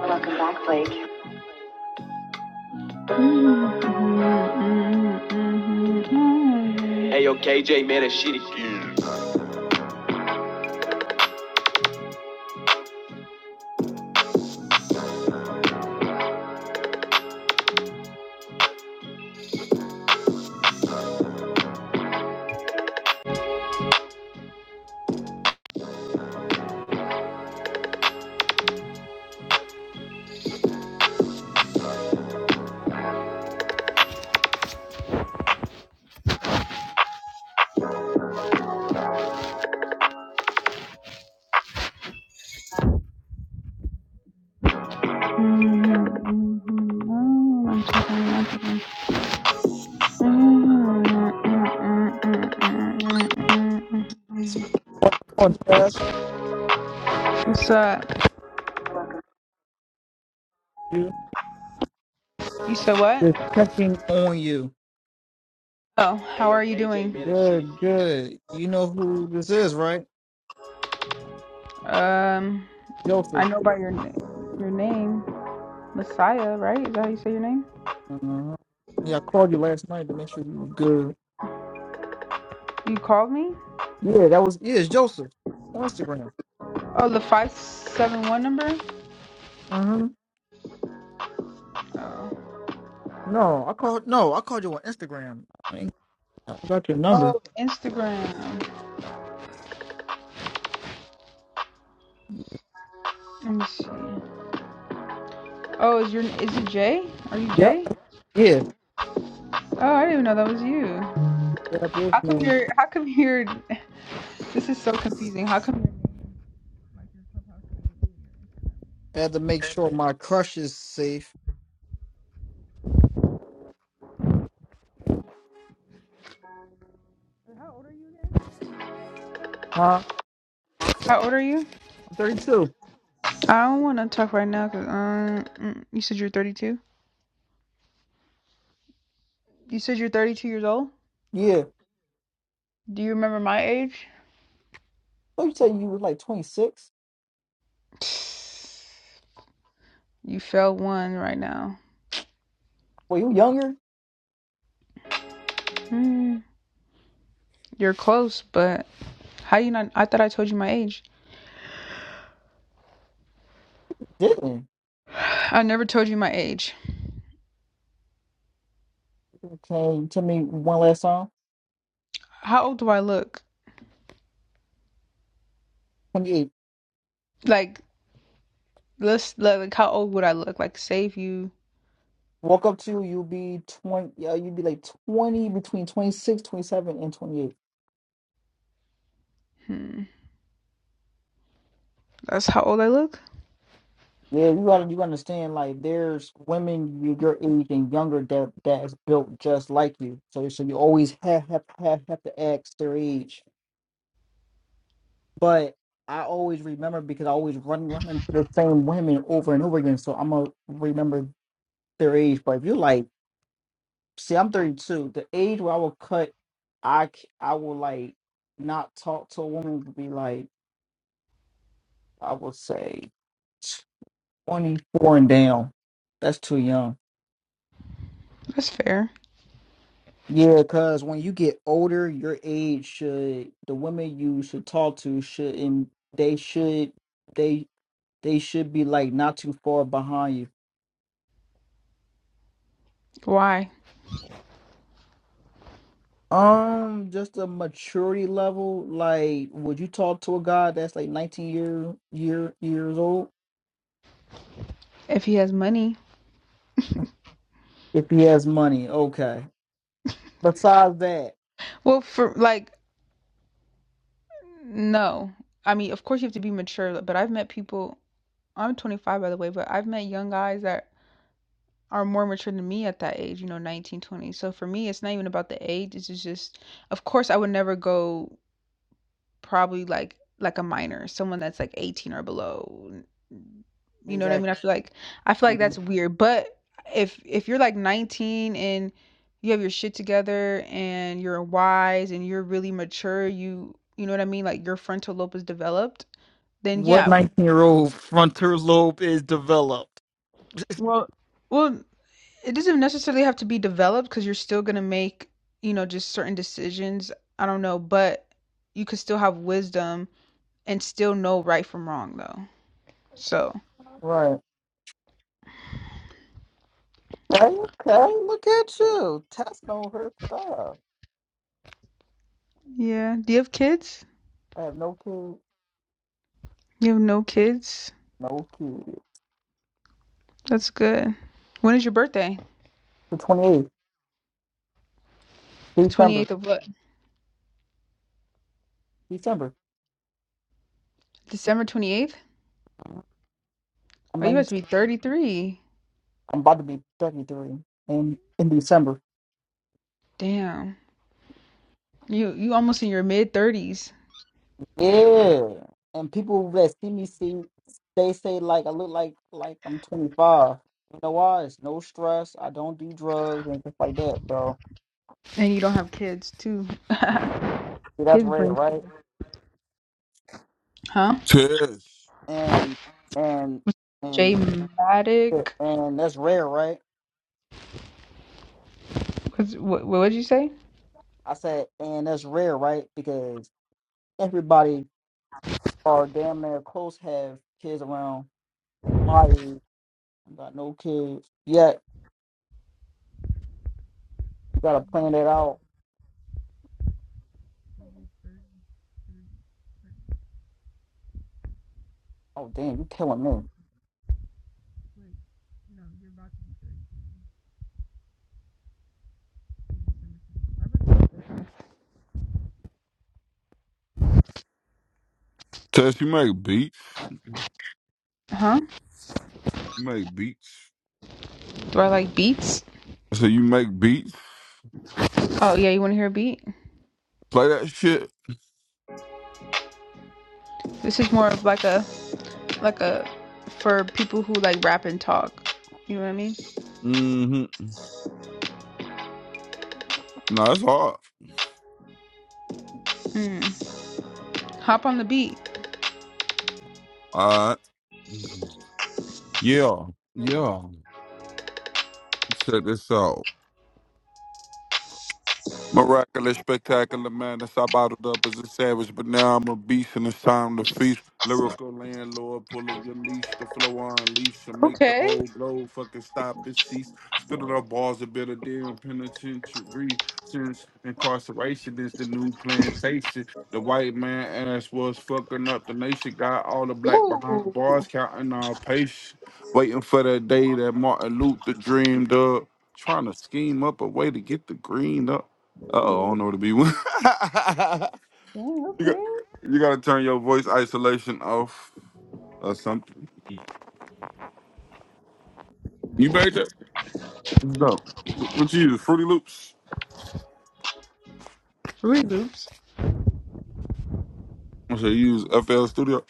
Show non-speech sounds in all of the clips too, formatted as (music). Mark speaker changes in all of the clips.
Speaker 1: Welcome back, Blake. Hey yo, KJ, man, it's shitty.
Speaker 2: on us,
Speaker 1: What's up?
Speaker 2: you.
Speaker 1: You said what?
Speaker 2: Just checking on you.
Speaker 1: Oh, how are you doing?
Speaker 2: Good, good. You know who this is, right?
Speaker 1: Um, I
Speaker 2: Joseph.
Speaker 1: know by your na- your name, Messiah, right? Is that how you say your name?
Speaker 2: Uh-huh. Yeah, I called you last night to make sure you were good.
Speaker 1: You called me?
Speaker 2: Yeah, that was yeah, it's Joseph on Instagram.
Speaker 1: Oh, the five seven one number.
Speaker 2: Mm-hmm.
Speaker 1: Oh.
Speaker 2: No, I called no, I called you on Instagram. I ain't I forgot your number.
Speaker 1: Oh, Instagram. Let me see. Oh, is your is it Jay? Are you
Speaker 2: Yep.
Speaker 1: Jay?
Speaker 2: Yeah.
Speaker 1: Oh, I didn't even know that was you.
Speaker 2: Yep, this
Speaker 1: How come
Speaker 2: man.
Speaker 1: you're? How come you're? (laughs) This is so confusing. How come you're?
Speaker 2: I had to make sure my crush is safe.
Speaker 1: How old are you again?
Speaker 2: Huh?
Speaker 1: How old are you?
Speaker 2: I'm 32.
Speaker 1: I don't want to talk right now because um, mm, you said you're 32. You said you're 32 years old.
Speaker 2: Yeah.
Speaker 1: Do you remember my age?
Speaker 2: Oh, you tell you was like 26?
Speaker 1: (sighs) You fell one right now.
Speaker 2: Well, you younger?
Speaker 1: Hmm. You're close, but how you not? I thought I told you my age.
Speaker 2: Didn't.
Speaker 1: I never told you my age.
Speaker 2: Okay. tell me one last song?
Speaker 1: How old do I look?
Speaker 2: 28.
Speaker 1: Like, let's like, like how old would I look? Like, say if you,
Speaker 2: Walk up to you you'll be 20 yeah, you'd be like 20 between 26, 27, and 28.
Speaker 1: hmm, that's how old I look.
Speaker 2: Yeah, you gotta you understand like there's women you- your age and younger that that is built just like you. So so you always have have have, have to ask their age. But I always remember because I always run run into the same women over and over again. So I'm gonna remember their age. But if you like see I'm 32, the age where I will cut I c- I will like not talk to a woman would be like I would say 24 and down. That's too young.
Speaker 1: That's fair.
Speaker 2: Yeah, because when you get older, your age should the women you should talk to should and they should they they should be like not too far behind you.
Speaker 1: Why?
Speaker 2: Um, just a maturity level. Like, would you talk to a guy that's like 19 year year years old
Speaker 1: If he has money.
Speaker 2: if he has money? Okay. Besides that,
Speaker 1: Well, for like, no. I mean, of course you have to be mature, but I've met people. I'm 25, by the way, but I've met young guys that are more mature than me at that age. You know, 19, 20. So for me, it's not even about the age. It's just of course, I would never go. Probably like like a minor, someone that's like 18 or below. you know what I mean? I
Speaker 2: exactly.
Speaker 1: feel like I feel like that's weird, but if if you're like 19 and you have your shit together and you're wise and you're really mature, you you know what I mean? Like your frontal lobe is developed, then
Speaker 2: What
Speaker 1: yeah.
Speaker 2: 19 year old frontal lobe is developed?
Speaker 1: Well, well, it doesn't necessarily have to be developed because 'cause you're still gonna make, you know, just certain decisions. I don't know, but you could still have wisdom and still know right from wrong though. So
Speaker 2: Right. Okay, okay, look at you. Tess know her stuff.
Speaker 1: Yeah. Do you have kids?
Speaker 2: I have no kids.
Speaker 1: You have no kids?
Speaker 2: No kids.
Speaker 1: That's good. When is your birthday?
Speaker 2: The 28th, December.
Speaker 1: 28th of what?
Speaker 2: December.
Speaker 1: December 28th?
Speaker 2: I'm,
Speaker 1: Oh, you
Speaker 2: 19
Speaker 1: have to be 33.
Speaker 2: I'm about to be 33 in, in December.
Speaker 1: Damn. You you almost in your mid 30s
Speaker 2: Yeah. And people that see me see, they say like I look like like I'm 25. You know why? It's no stress. I don't do drugs and stuff like that. So
Speaker 1: and you don't have kids too.
Speaker 2: see,
Speaker 1: (laughs)
Speaker 2: that's
Speaker 1: kids
Speaker 2: rare,
Speaker 1: bring
Speaker 2: right?
Speaker 1: huh?
Speaker 3: Tess,
Speaker 2: and and
Speaker 1: J
Speaker 2: and yeah,
Speaker 1: Matic.
Speaker 2: and that's rare, right?
Speaker 1: What's- What what did you say?
Speaker 2: I said, and that's rare, right? Because everybody or damn near close have kids around my age. I got no kids yet. You gotta plan that out. Oh damn, you killing me.
Speaker 3: Tess, you make beats.
Speaker 1: Huh?
Speaker 3: You make beats.
Speaker 1: Do I like beats?
Speaker 3: I said you make beats.
Speaker 1: Oh yeah, you want to hear a beat?
Speaker 3: Play that shit.
Speaker 1: This is more of like a like a for people who like rap and talk. You know what I mean?
Speaker 3: Mm-hmm. No, that's hard.
Speaker 1: Mm. Hop on the beat.
Speaker 3: All right. Yeah. Yeah. Check this out. Miraculous, spectacular madness. I bottled up as a savage, but now I'm a beast and it's time to feast. Lyrical landlord, pulling your leash, the flow on leash, and make the
Speaker 1: Okay.
Speaker 3: whole globe fucking stop and cease. Spitting up balls of bitter damn penitentiary. Since incarceration is the new plantation, the white man ass was fucking up the nation. Got all the black behind
Speaker 1: Ooh.
Speaker 3: bars, counting our patience. Waiting for the day that Martin Luther dreamed up trying to scheme up a way to get the green up. Uh oh, I don't know what to be. (laughs) you,
Speaker 1: Dang,
Speaker 3: got,
Speaker 1: okay.
Speaker 3: you gotta turn your voice isolation off or something. You made that? No. What you use? Fruity Loops?
Speaker 1: Fruit Loops.
Speaker 3: I said, you use FL Studio.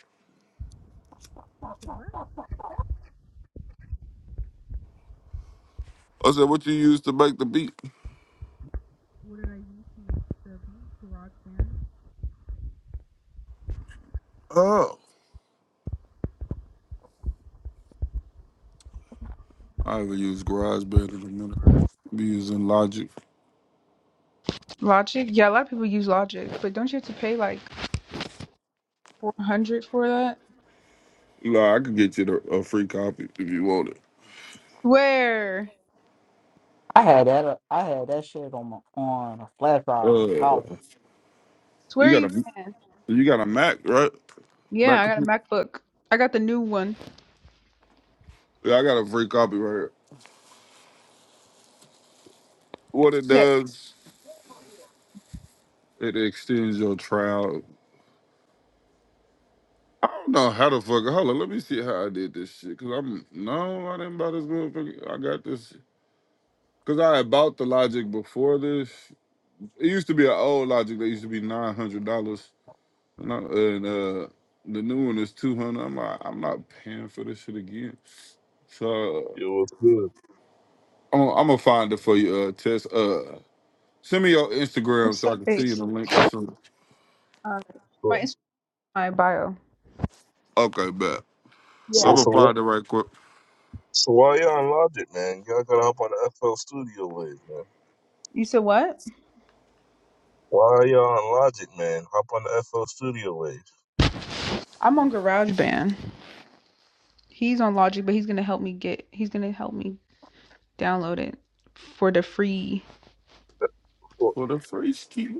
Speaker 3: I said, what you use to make the beat? Oh. I haven't used GarageBand in a minute. i be using Logic.
Speaker 1: Logic. Yeah, a lot of people use Logic, but don't you have to pay like 400 for that?
Speaker 3: Nah, I could get you the, a free copy if you want it.
Speaker 1: Swear.
Speaker 2: I had that. uh, I had that shit on my on a flash drive in
Speaker 3: Uh,
Speaker 2: college.
Speaker 3: you
Speaker 1: Swear
Speaker 3: got
Speaker 1: you
Speaker 3: a
Speaker 1: can.
Speaker 3: you got a Mac, right?
Speaker 1: Yeah,
Speaker 3: Mac
Speaker 1: I got a
Speaker 3: computer?
Speaker 1: MacBook. I got the new one.
Speaker 3: Yeah, I got a free copy right here. What it
Speaker 1: Yeah.
Speaker 3: does, it extends your trial I don't know how the fuck. Hold on, let me see how I did this shit. Cause I'm no, I didn't buy this motherfucker. I got this. Cause I had bought the Logic before this. It used to be an old Logic that used to be nine hundred dollars, and, I, and uh, the new one is two hundred. I'm like, I'm not paying for this shit again. So
Speaker 4: Yo, what's good?
Speaker 3: uh, I'm, I'm gonna find it for you, uh, Tess. Uh, send me your Instagram
Speaker 1: What's
Speaker 3: so I
Speaker 1: up,
Speaker 3: can see you
Speaker 1: face?
Speaker 3: the link or something.
Speaker 1: All right. My
Speaker 4: So,
Speaker 1: Instagram, my bio.
Speaker 3: Okay, bet. I'm
Speaker 4: so,
Speaker 1: Yeah.
Speaker 3: gonna
Speaker 4: so,
Speaker 3: find
Speaker 4: wh-
Speaker 3: it right quick
Speaker 4: so why y'all on Logic, man? Y'all gotta hop on the FL Studio wave, man.
Speaker 1: You said what?
Speaker 4: Why y'all on Logic, man? Hop on the FL Studio wave.
Speaker 1: I'm on GarageBand. He's on Logic, but he's gonna help me get. He's gonna help me download it for the free.
Speaker 4: Of
Speaker 3: for the free ski.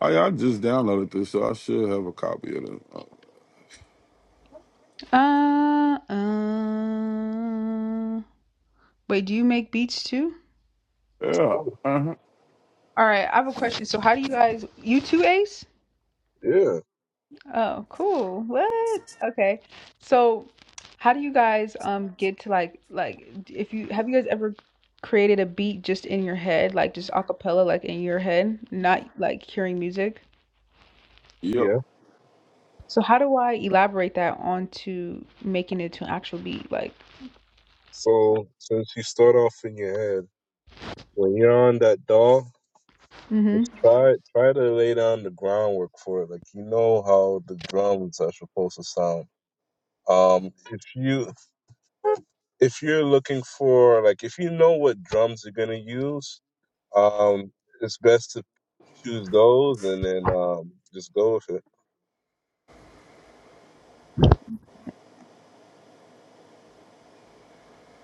Speaker 3: Oh yeah, I just downloaded this, so I should have a copy of it. Oh,
Speaker 1: Uh, uh. Wait, do you make beats too?
Speaker 4: of course.
Speaker 3: yeah. Uh-huh.
Speaker 1: All right, I have a question. So, how do you guys, you two ace?
Speaker 4: yeah,
Speaker 1: Oh, cool. What? Okay. So, how do you guys um get to like like if you have you guys ever created a beat just in your head, like just a cappella, like in your head, not like hearing music?
Speaker 3: Yep.
Speaker 4: yeah.
Speaker 1: So, how do I elaborate that onto making it to an actual beat? Like,
Speaker 4: So, since you start off in your head, when you're on that dog,
Speaker 1: mm-hmm.
Speaker 4: just try try to lay down the groundwork for it. Like you know how the drums are supposed to sound. Um, if you if you're looking for like if you know what drums you're gonna use Um, it's best to choose those and then um, just go with it.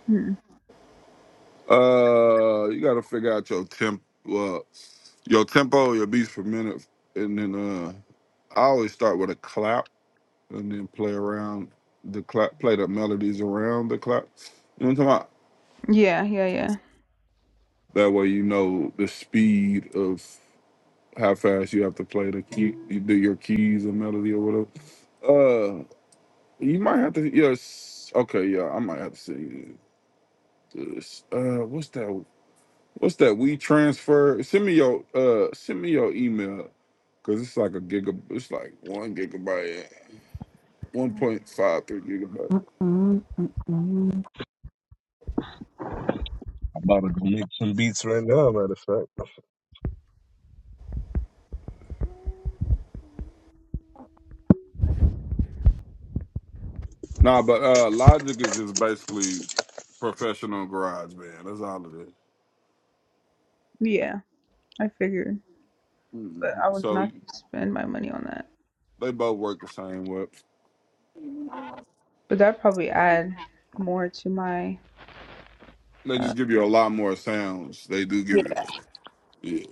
Speaker 1: hmm
Speaker 3: Uh, you got to figure out your temp, uh, your tempo, your beats per minute, and then uh, I always start with a clap, and then play around the clap, play the melodies around the clap. You know what I'm talking about?
Speaker 1: Yeah, yeah, yeah.
Speaker 3: That way, you know the speed of how fast you have to play the key, you do your keys or melody or whatever. Uh, you might have to. Yes. Okay. Yeah, I might have to sing. Uh, what's that? What's that? We transfer. Send me your uh, send me your email because it's like a giga. It's like one gigabyte, one point five three gigabyte.
Speaker 2: Mm, mm, mm, mm,
Speaker 4: I'm about to go make some beats right now, matter of fact.
Speaker 3: Nah, but uh, Logic is is basically professional garage band. That's all it is.
Speaker 1: Yeah, I figured,
Speaker 3: Mhm.
Speaker 1: but I was
Speaker 3: So
Speaker 1: not gonna spend my money on that.
Speaker 3: they both work the same way.
Speaker 1: But that probably add more to my
Speaker 3: They
Speaker 1: uh
Speaker 3: just give you a lot more sounds. They do give you. Yeah.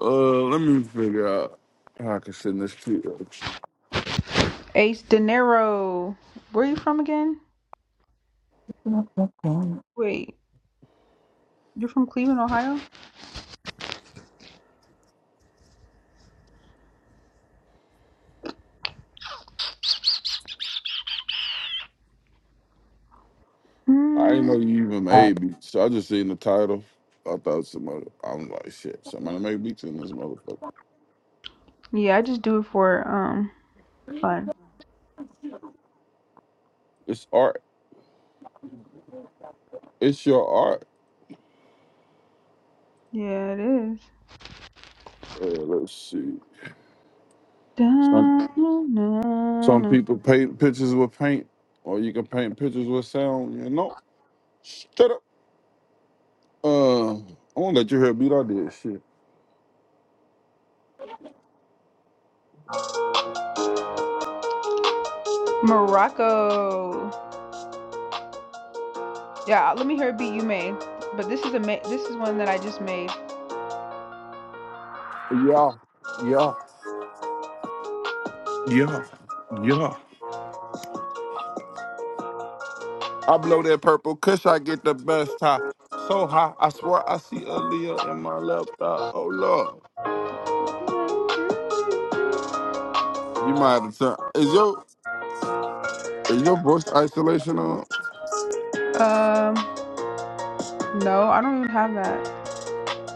Speaker 3: Uh, let me figure out how I can send this to you.
Speaker 1: Ace De Niro. Where are you from again?
Speaker 2: mm,
Speaker 1: Wait, you're from Cleveland, Ohio?
Speaker 3: I didn't know
Speaker 1: Mm,
Speaker 3: you even
Speaker 2: mm,
Speaker 3: made beats. So I just seen the title. I thought somebody. I'm like, shit. Somebody made beats in this motherfucker.
Speaker 1: yeah, I just do it for um fun.
Speaker 3: It's art. It's your art.
Speaker 1: Yeah, it is.
Speaker 3: Uh, let's see. Some some
Speaker 1: Da-na-na-na.
Speaker 3: people paint pictures with paint, or you can paint pictures with sound. You know. Shut up. Uh, I won't let you hear a beat I did. Shit.
Speaker 1: Morocco. Yeah, let me hear a beat you made. But this is a ma- this is one that I just made.
Speaker 3: Yeah. Yeah. Yeah. Yeah. I blow that purple kush. I get the best high. So high. I swear I see Aaliyah in my left eye. Oh lord. You might have turned. Is your is your voice isolation on?
Speaker 1: Um, no, I don't even have that.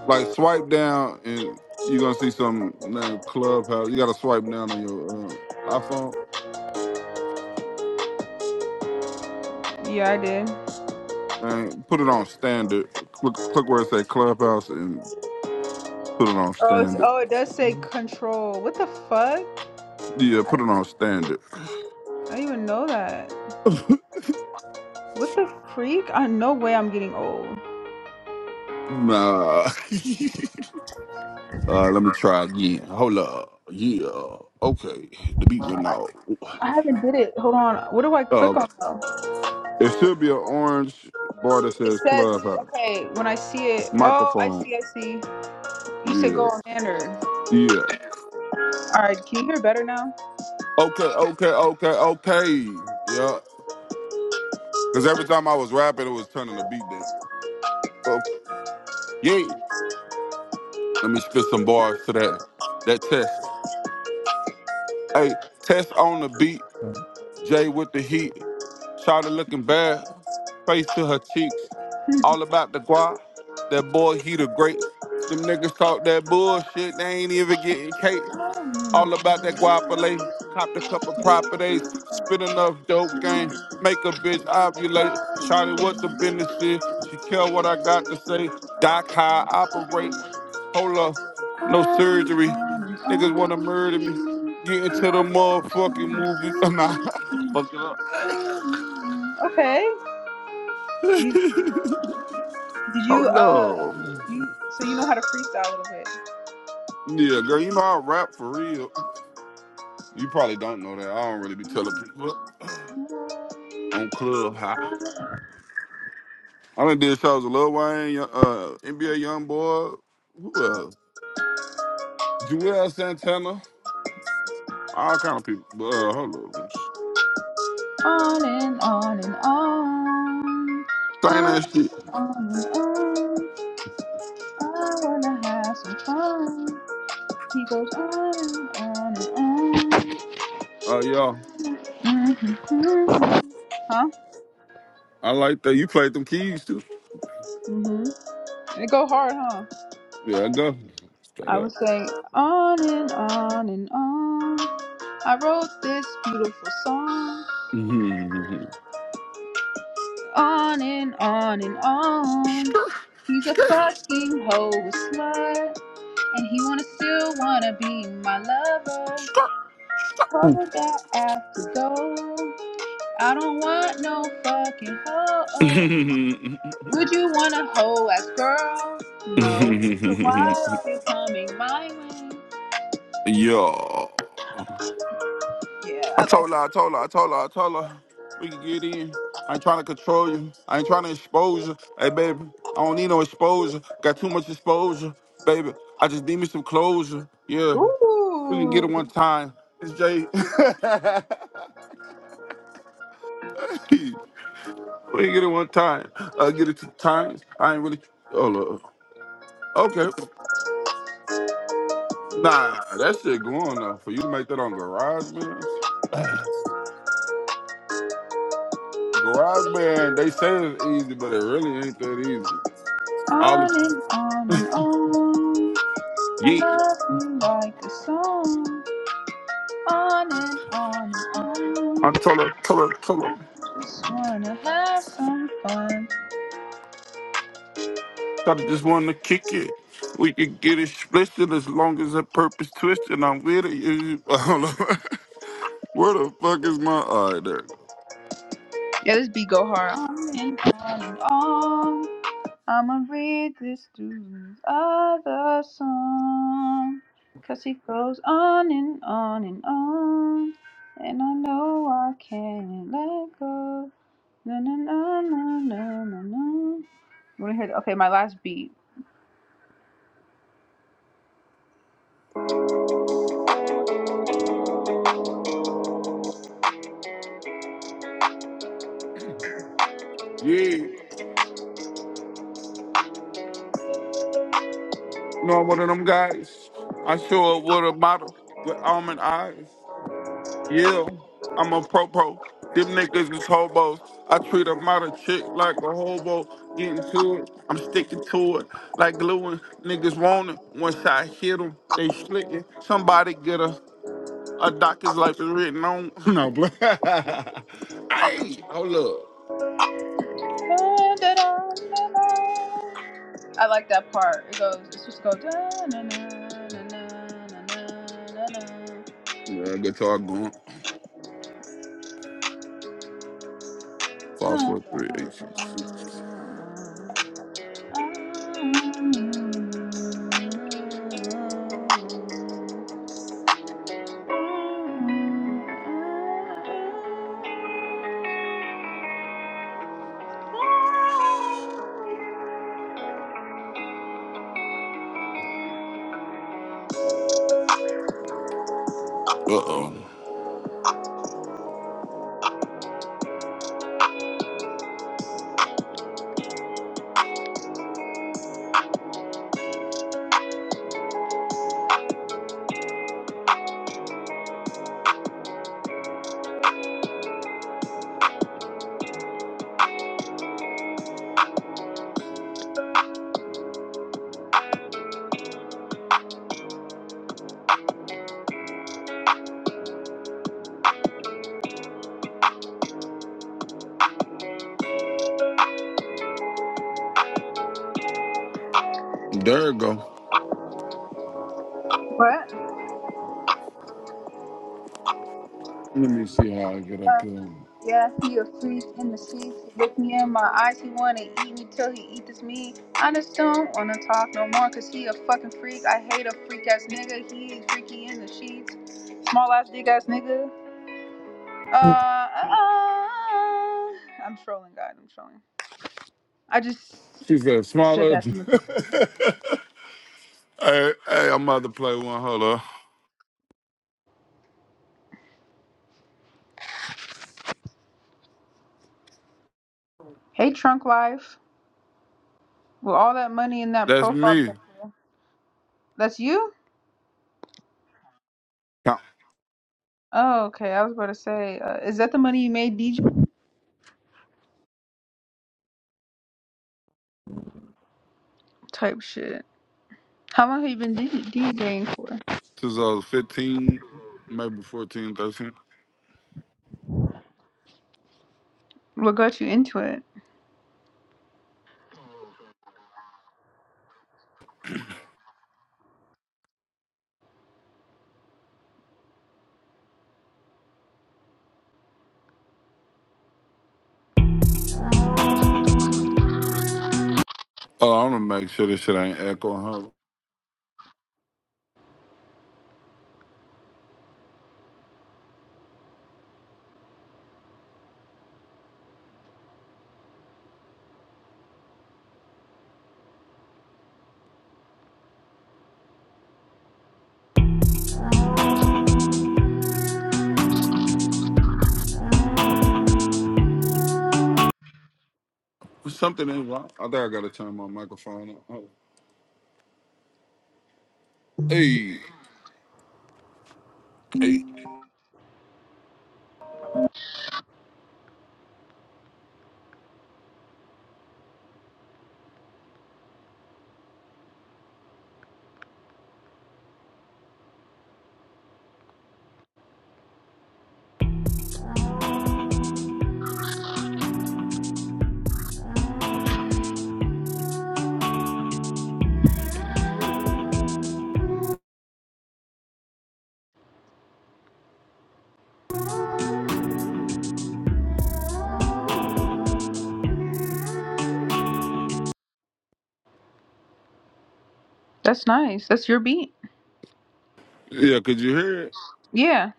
Speaker 3: Like swipe down and you're gonna see some name clubhouse. You gotta swipe down on your uh, iPhone
Speaker 1: Yeah, I did.
Speaker 3: and put it on standard. Click, click where it say clubhouse and put it on
Speaker 1: Oh, it's,
Speaker 3: standard.
Speaker 1: oh, it does say control. What the fuck?
Speaker 3: Yeah,
Speaker 1: I
Speaker 3: put it
Speaker 1: didn't,
Speaker 3: on standard.
Speaker 1: I didn't even know that. What the freak? I no way I'm getting old.
Speaker 3: Nah. (laughs) uh, let me try again. Hold up. Yeah. Okay. The beat went out.
Speaker 1: I haven't did it. Hold on. What do I
Speaker 3: Uh,
Speaker 1: click on though?
Speaker 3: it should be an orange bar that
Speaker 1: It
Speaker 3: says
Speaker 1: says
Speaker 3: clubhouse
Speaker 1: okay when I see it. Oh, I
Speaker 3: microphone.
Speaker 1: see. I see. You should go
Speaker 3: Yeah.
Speaker 1: on standard.
Speaker 3: Yeah.
Speaker 1: All right. Can you hear better now?
Speaker 3: Okay, okay, okay, okay. Yeah. Because every time I was rapping, it was turning the beat down. So, yeah. Let me spit some bars to that. That test. Hey, test on the beat.
Speaker 2: mm,
Speaker 3: Jay with the heat. Shawty looking bad. Face to her cheeks. All about the guap. That boy, he the great. Them niggas talk that bullshit. They ain't even getting cake. All about that guapole. Cop the couple properties. Spit enough dope game. Make a bitch ovulate. Shawty what the business is. She care what I got to say. Doc how I operate. Hold up. No surgery. Niggas wanna murder me. Get into the motherfucking movie. (laughs) nah. Fuck it up.
Speaker 1: Okay. You,
Speaker 3: (laughs)
Speaker 1: did you uh?
Speaker 3: Hold up.
Speaker 1: You so you know how to freestyle a little bit.
Speaker 3: Yeah, girl, you know I rap for real. You probably don't know that. I don't really be telling people (clears throat) on Clubhouse. I done did shows with Lil Wayne, uh, NBA YoungBoy, Boy, who else? Joel Santana, all kind of people. But, uh, hold on,
Speaker 1: On and on and on.
Speaker 3: saying
Speaker 1: On
Speaker 3: that shit.
Speaker 1: and on and on. I wanna have some fun. He goes on and on
Speaker 3: Uh, yeah,
Speaker 1: and on. hmm. Huh?
Speaker 3: I like that. You played them keys too.
Speaker 1: hmm It go hard, huh?
Speaker 3: Yeah, I go straight
Speaker 1: I
Speaker 3: up.
Speaker 1: was saying on and on and on. I wrote this beautiful song. On and on and on. He's a fucking hoe, a slut. And he wanna still wanna be my lover.
Speaker 2: mm.
Speaker 1: Told that I have to go. I don't want no fucking hoe. Would you want a hoe as girl? No. So why are you coming my way?
Speaker 3: (laughs) yeah.
Speaker 1: Yeah,
Speaker 3: I
Speaker 1: I like
Speaker 3: told her, I told her, I told her, I told her, we can get in. I ain't trying to control you. I ain't trying to expose you. Hey, baby, I don't need no exposure. Got too much exposure, baby. I just need me some closure. Yeah, we can get it
Speaker 1: Ooh.
Speaker 3: one time. It's Jay. (laughs) we can get it one time. Uh, get it two times. I ain't really. Oh, look. Okay. Nah, that shit going though. For you to make that on Garage GarageBand, Garage Band, they say it's easy, but it really ain't that easy.
Speaker 1: On
Speaker 3: All the
Speaker 1: and on and on. I
Speaker 3: yeet.
Speaker 1: love you like the song. On and on and on.
Speaker 3: I told her, told her, told
Speaker 1: I
Speaker 3: her,
Speaker 1: just wanna have some fun.
Speaker 3: told her just wanted to kick it. We could get it split as long as the purpose twisted. I'm with it. You- (laughs) I don't know. Where the fuck is my? All right, there it go.
Speaker 1: Yeah, this beat go hard. On and on and on. I'ma read this dude's other song. Cause he goes on and on and on. And I know I can't let go. Na na na na na na I Want to hear? The, okay, my last beat.
Speaker 3: Yeah, you know I'm one of them guys. I show up with a model with almond eyes. Yeah, I'm a pro pro. Them niggas is hobos. I treat a model chick like a hobo. Getting to it, I'm sticking to it like gluing. Niggas want it. Once I hit them, they slitting. Somebody get a A doctor's life is written on. (laughs) No, bro. (laughs) hey, hold up.
Speaker 1: Da, da, da, da, da. I like that part. It goes. It's just go. Da, na, na, na, na, na,
Speaker 3: Yeah, guitar going. Five, four, three, eight, six, six.
Speaker 1: na,
Speaker 3: Uh oh. There it go.
Speaker 1: na, na. What?
Speaker 3: Let me see how I get
Speaker 1: Uh,
Speaker 3: up here.
Speaker 1: Yeah, he a freak in the sheets. Look me in my eyes, he wanna eat me till he eat this meat. I just don't wanna talk no more, cause he a fucking freak. I hate a freak ass nigga, he ain't freaky in the sheets. Small ass dick ass nigga. Uh, uh, uh. I'm trolling, guys. I'm trolling. I just
Speaker 3: She said,
Speaker 1: said
Speaker 3: smaller. (laughs)
Speaker 1: that from the
Speaker 3: hey,
Speaker 1: phone.
Speaker 3: hey, I'm about to play one. Hold up.
Speaker 1: Hey, Trunk Life. With all that money in that
Speaker 3: That's
Speaker 1: profile
Speaker 3: me.
Speaker 1: picture. That's you?
Speaker 3: Count.
Speaker 1: Oh, okay. I was about to say, uh, is that the money you made DJ? Type shit. How long have you been DJ DJing for?
Speaker 3: Since I was 15, maybe fourteen, thirteen.
Speaker 1: What got you into it?
Speaker 3: Oh, I want to make sure this shit ain't echoing. Hold up. Something ain't wrong. I think I got to turn my microphone up. Hold up. Hey. Hey.
Speaker 1: That's nice. That's your beat.
Speaker 3: Yeah, could you hear it?
Speaker 1: Yeah.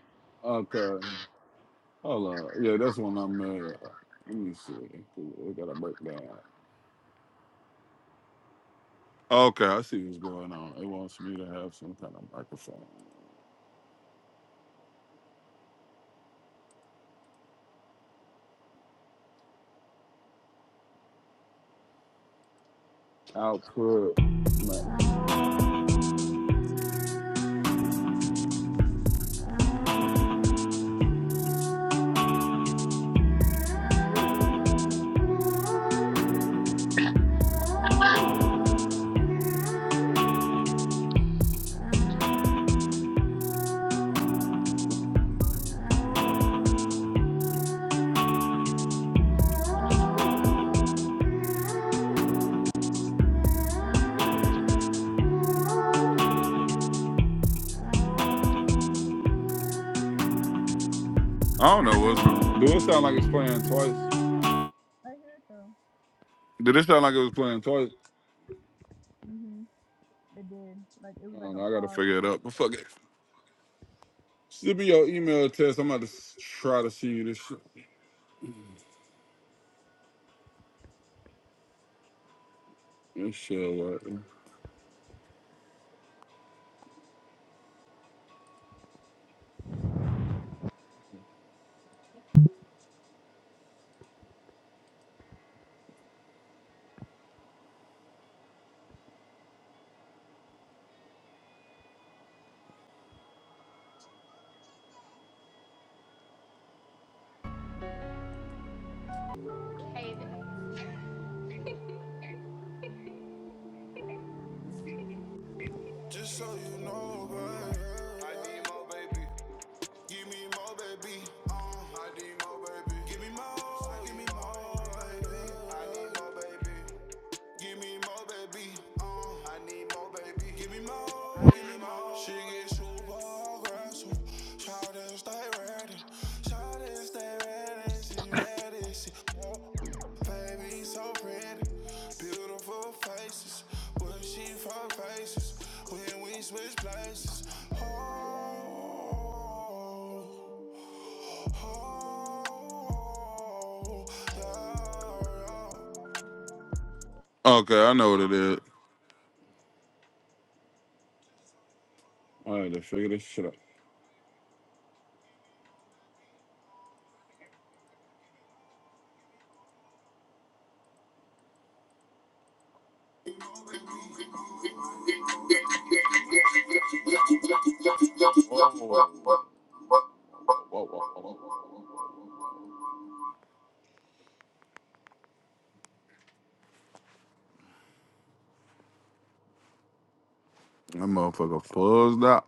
Speaker 3: Okay. Hold on. Yeah, that's when I'm uh let me see. We gotta break down. Okay, I see what's going on. It wants me to have some kind of microphone. Output mic- I don't know what's going on. Do it sound like it's playing twice?
Speaker 1: I hear it though.
Speaker 3: Did it sound like it was playing twice?
Speaker 1: Mhm. It did. Like it was
Speaker 3: I
Speaker 1: like
Speaker 3: don't
Speaker 1: a
Speaker 3: know. I gotta figure
Speaker 1: pause.
Speaker 3: it out. But fuck it. Send me your email test. I'm about to s- try to see this shit. This shit. work.
Speaker 5: Payback. Just so you know, girl. I need more, baby. Give me more, baby. Uh, I need more, baby. Give me more. Give me more, baby. I need more, baby. Give me more, baby. Uh, I need more, baby. Give me more, I give me more. more. She get super aggressive. Shout and stay ready. Shout and stay ready. She ready. She oh, baby so pretty. Beautiful faces. What she for faces? When we switch places. Oh, oh, oh, yeah, yeah.
Speaker 3: Okay, I know what it is. I had to figure this shit out. That motherfucker fuzzed out.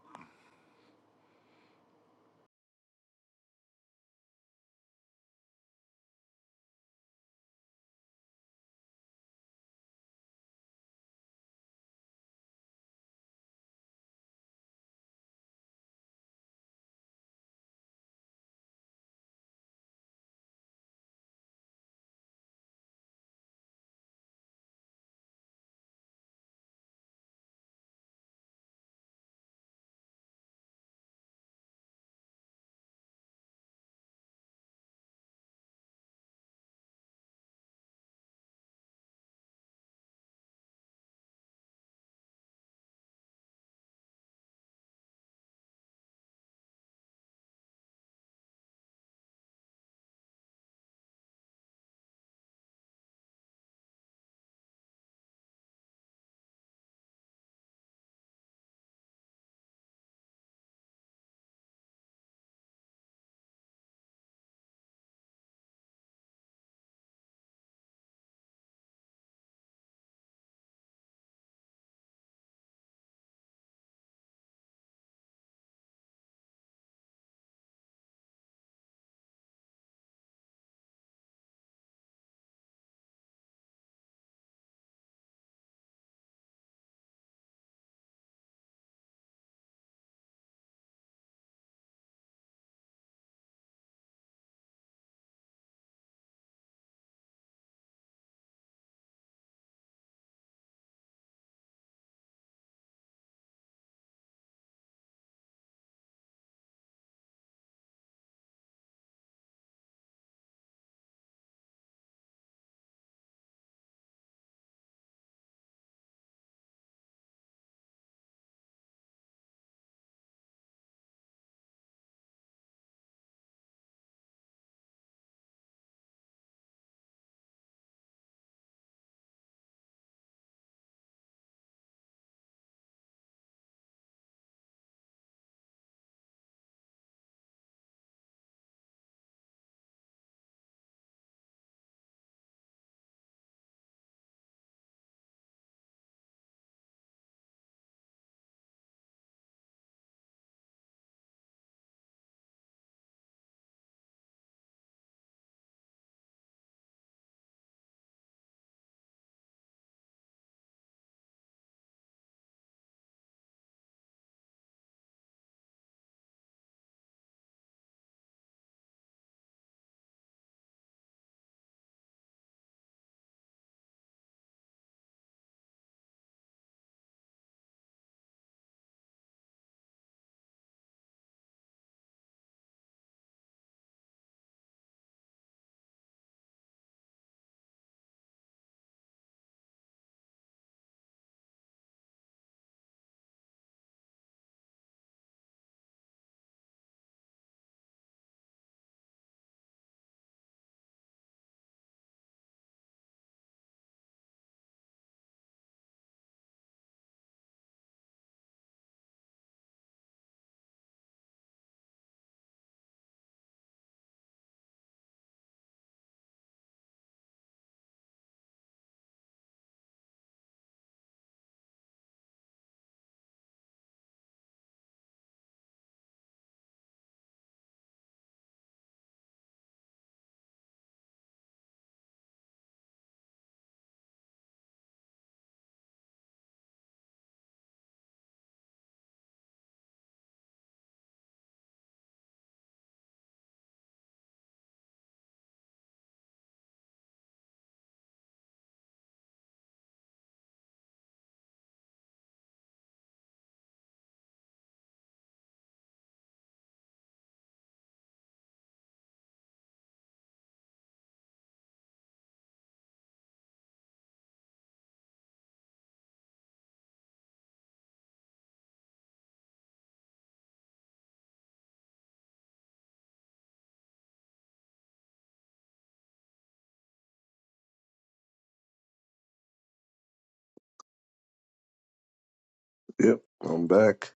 Speaker 4: Yep, I'm back.